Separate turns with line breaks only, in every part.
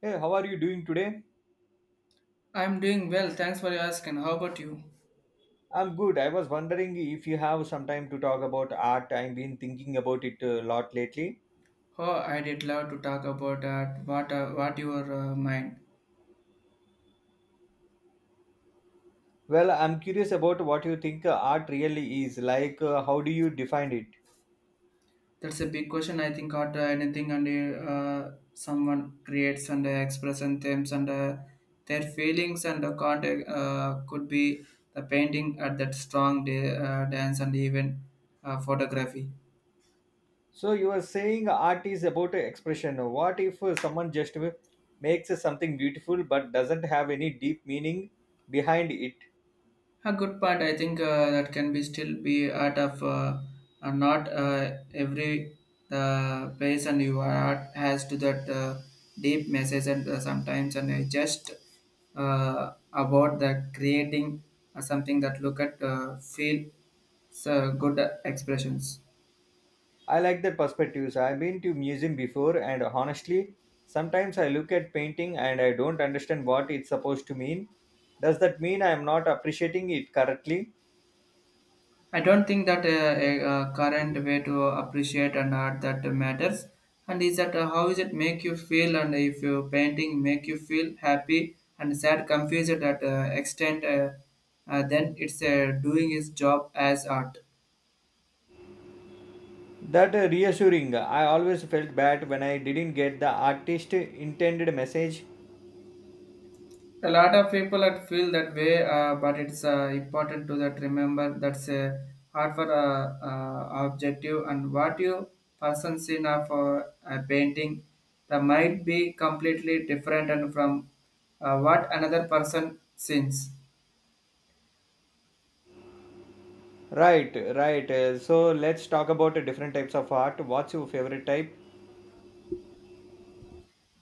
Hey, how are you doing today?
I'm doing well, thanks for asking. How about you?
I'm good. I was wondering if you have some time to talk about art. I've been thinking about it a lot lately.
Oh, I did love to talk about that. What your mind?
Well, I'm curious about what you think art really is. Like, how do you define it?
That's a big question. I think out anything and someone creates and expresses themselves and their feelings and contact could be the painting at that strong day, dance and even photography.
So, you are saying art is about expression. What if someone just makes something beautiful but doesn't have any deep meaning behind it?
A good part. I think that can be still be art of not every the person you are art has to that deep message and sometimes and just about the creating something that look at feel so good expressions.
I like that perspectives. I've been to museum before and honestly, sometimes I look at painting and I don't understand what it's supposed to mean. Does that mean I am not appreciating it correctly?
I don't think that a current way to appreciate an art that matters. And is that how is it make you feel? And if you painting make you feel happy and sad, confused at extent, then it's doing its job as art.
That reassuring. I always felt bad when I didn't get the artist intended message.
A lot of people that feel that way, but it's important to that remember that's a hard for objective and what you person seen of a painting that might be completely different and from what another person sees.
Right, right. So let's talk about different types of art. What's your favorite type?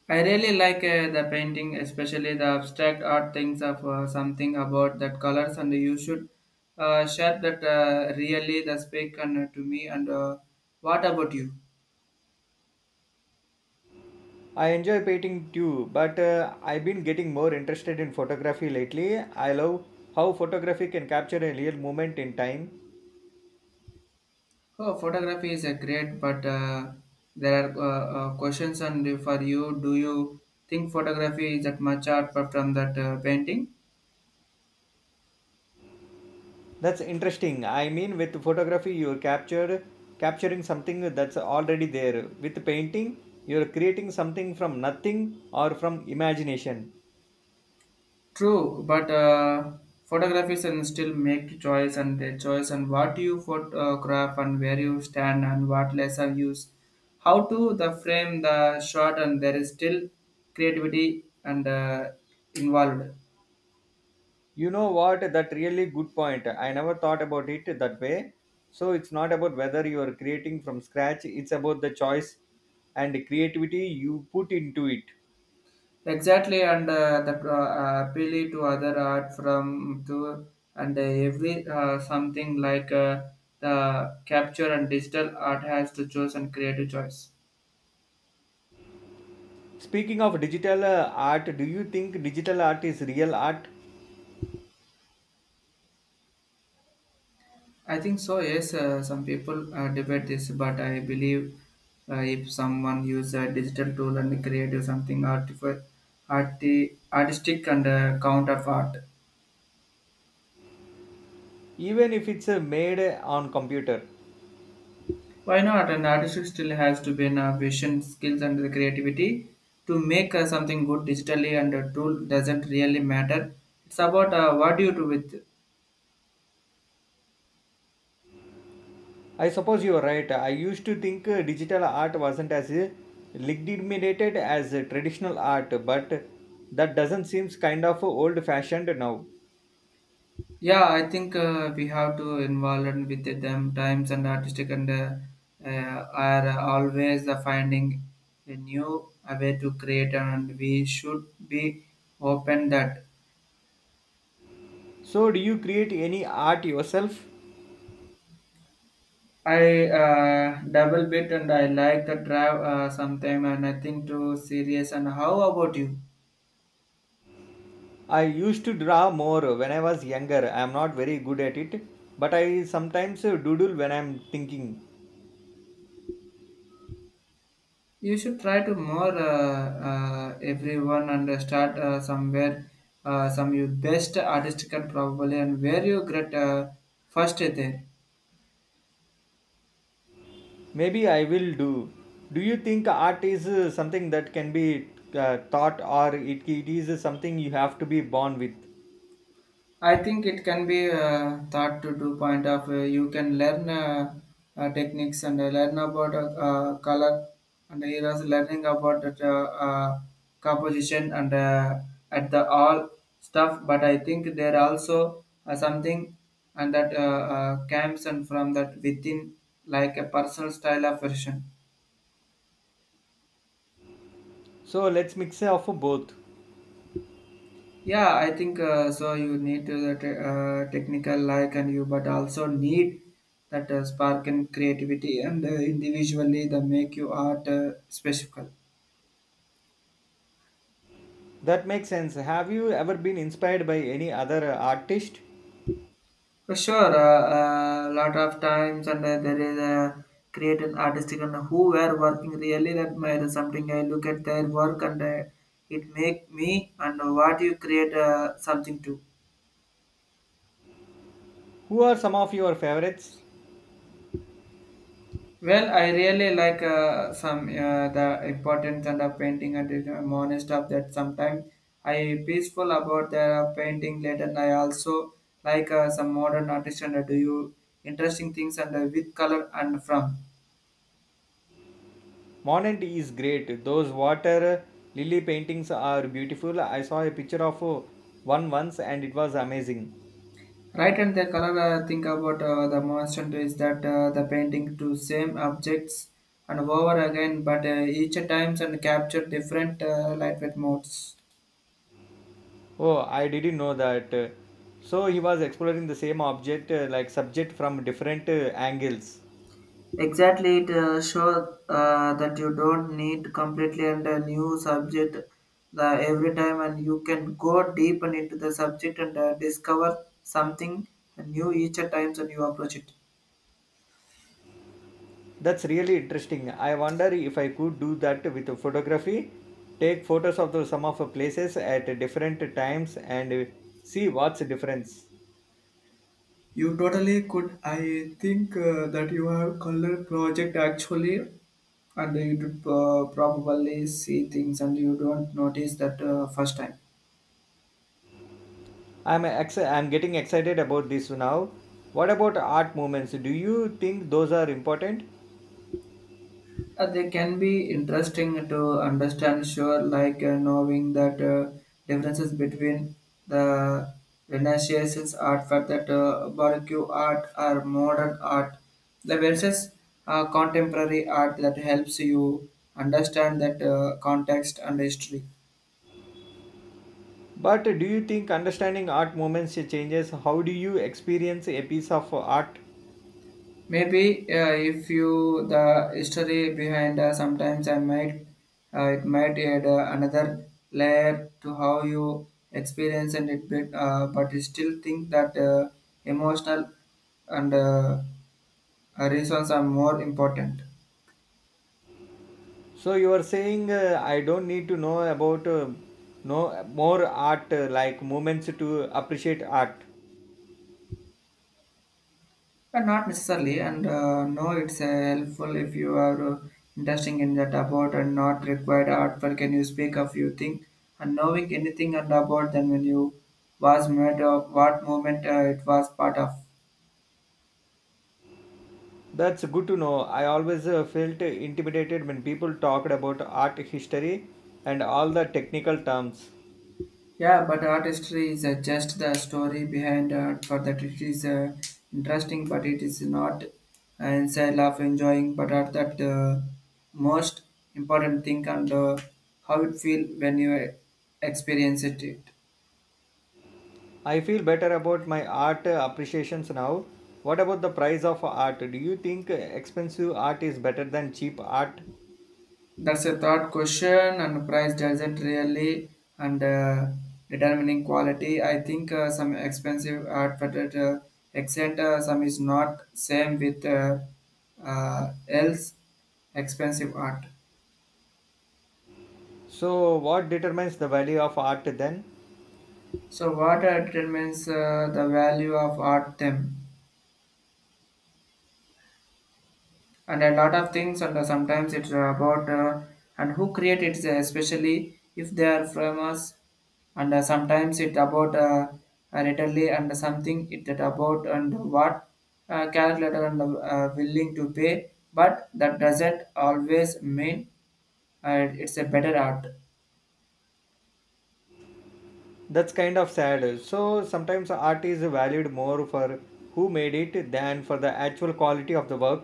I really like the painting, especially the abstract art things of something about that colors, and you should share that really the speak and to me. And what about you?
I enjoy painting too, but I've been getting more interested in photography lately. I love how photography can capture a real moment in time.
Oh, photography is a great, but there are questions and for you. Do you think photography is that much art but from that painting?
That's interesting. I mean, with photography, you're captured capturing something that's already there. With painting, you're creating something from nothing or from imagination.
True, but photographers and still make choice and their choice and what you photograph and where you stand and what lens lesser use, how to the frame the shot and there is still creativity and involved.
You know what? That really good point. I never thought about it that way. So it's not about whether you are creating from scratch. It's about the choice and creativity you put into it.
Exactly, and the appeal to other art from to and every something like the capture and digital art has to choose and creative choice.
Speaking of digital art, do you think digital art is real art,
I think so. Yes, some people debate this, but I believe if someone use a digital tool and creative something artistic and count of art.
even if it's made on computer?
Why not? An artist still has to be a vision, skills, and the creativity to make something good digitally. And a tool doesn't really matter. It's about what you do with.
I suppose you are right. I used to think digital art wasn't as legitimated as traditional art, but that doesn't seem kind of old fashioned now.
Yeah, I think we have to involve in with them. Times and artistic and are always finding a new way to create, and we should be open that.
So, do you create any art yourself?
I double bit and I like the drive sometime, and I think too serious. And how about you?
I used to draw more when I was younger. I am not very good at it, but I sometimes doodle when I am thinking.
You should try to more everyone and start somewhere. Some your best artist can probably and where you get first there.
Maybe I will do. Do you think art is something that can be taught or it is something you have to be born with?
I think it can be thought to two point of you can learn techniques and learn about color and he was learning about that, composition and at the all stuff. But I think there also something and that comes and from that within like a personal style of version.
So, let's mix up both.
Yeah, I think so. You need to the technical like and you, but also need that spark and creativity and individually the make you art special.
That makes sense. Have you ever been inspired by any other artist?
For sure, a lot of times and there is a creative artistic and who were working really that matter something. I look at their work and it make me and what you create something too.
Who are some of your favorites?
Well, I really like some the importance and of painting and I'm honest of that. Sometimes I peaceful about the painting later. And I also like some modern artist and do you interesting things and with color and from
Monet is great. Those water lily paintings are beautiful. I saw a picture of one once and it was amazing.
right and the color. Think about the constant is that the painting to same objects and over again, but each times and capture different light with modes.
Oh, I didn't know that. So he was exploring the same object like subject from different angles.
Exactly, it shows that you don't need completely and a new subject the every time, and you can go deep and into the subject and discover something new each times and you approach it.
That's really interesting. I wonder if I could do that with photography, take photos of some of the places at different times and see what's the difference.
You totally could. I think that you have color project actually, and you would probably see things and you don't notice that first time.
I'm getting excited about this now. What about art movements? Do you think those are important?
They can be interesting to understand, sure, like knowing that differences between the Renaissance art, fact that barbecue art or modern art, the versus contemporary art that helps you understand that context and history.
But do you think understanding art movements changes how do you experience a piece of art?
Maybe if you the history behind sometimes I might it might add another layer to how you experience and it bit, but you still think that emotional and reasons are more important.
So you are saying I don't need to know about know more art like movements to appreciate art.
Not necessarily, and no, it's helpful if you are interested in that about and not required artwork. Can you speak a few things and knowing anything and about then when you was made of what movement it was part of?
That's good to know. I always felt intimidated when people talked about art history and all the technical terms.
Yeah, but art history is just the story behind art. For that, it is interesting, but it is not inside of enjoying. But at that most important thing and how it feel when you experience it.
I feel better about my art appreciations now. What about the price of art? Do you think expensive art is better than cheap art?
That's a third question, and price doesn't really and determining quality. I think some expensive advertised except some is not same with else expensive art.
So, what determines the value of art then?
So what determines the value of art them? And a lot of things and sometimes it's about and who create it especially if they are famous and sometimes it about readily and something it that about and what calculator and willing to pay but that doesn't always mean it's a better art.
That's kind of sad. So, sometimes art is valued more for who made it than for the actual quality of the work.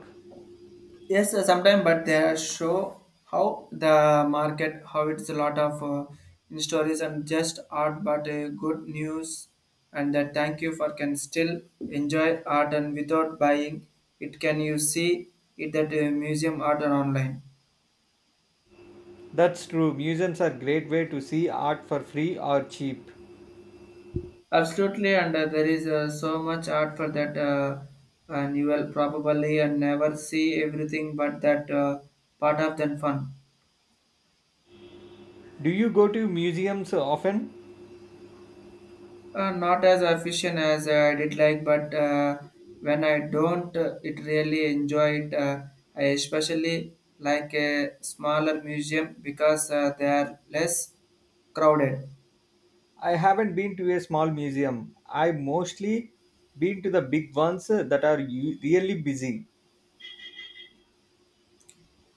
Yes, sometimes, but they show how the market, how it's a lot of in stories and just art, but good news, and that thank you for can still enjoy art and without buying it. Can you see it at a museum art or online?
That's true. Museums are great way to see art for free or cheap.
Absolutely, and there is so much art for that, and you will probably and never see everything, but that part of the fun.
Do you go to museums often?
Not as efficient as I did like, but when I don't, it really enjoy it. I especially like a smaller museum because they are less crowded.
I haven't been to a small museum. I've mostly been to the big ones that are really busy.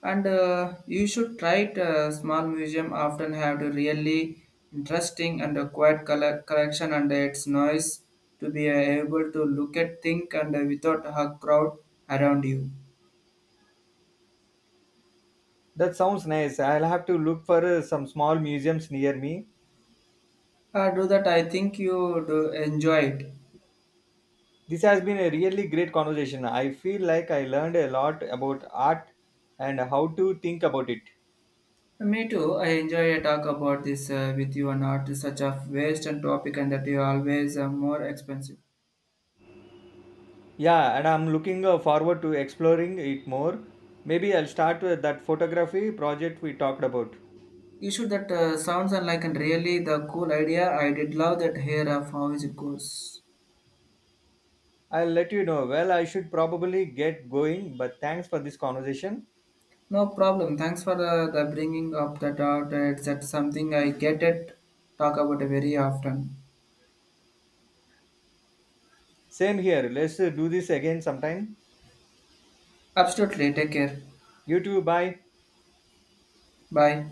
And you should try it. Small museum often have a really interesting and a quiet color collection and its noise to be able to look at think and without a crowd around you.
That sounds nice. I'll have to look for some small museums near me.
Do that. I think you do enjoy it.
This has been a really great conversation. I feel like I learned a lot about art and how to think about it.
Me too. I enjoy a talk about this with you and not such a waste and topic and that you always more expensive.
Yeah, and I'm looking forward to exploring it more. Maybe I'll start with that photography project we talked about.
You should that sounds unlike and really the cool idea. I did love that here of how it goes.
I'll let you know. Well, I should probably get going, but thanks for this conversation.
No problem. Thanks for the bringing up that doubt. It's that something I get it talk about very often.
Same here. Let's do this again sometime.
Absolutely. Take care.
You too. Bye.
Bye.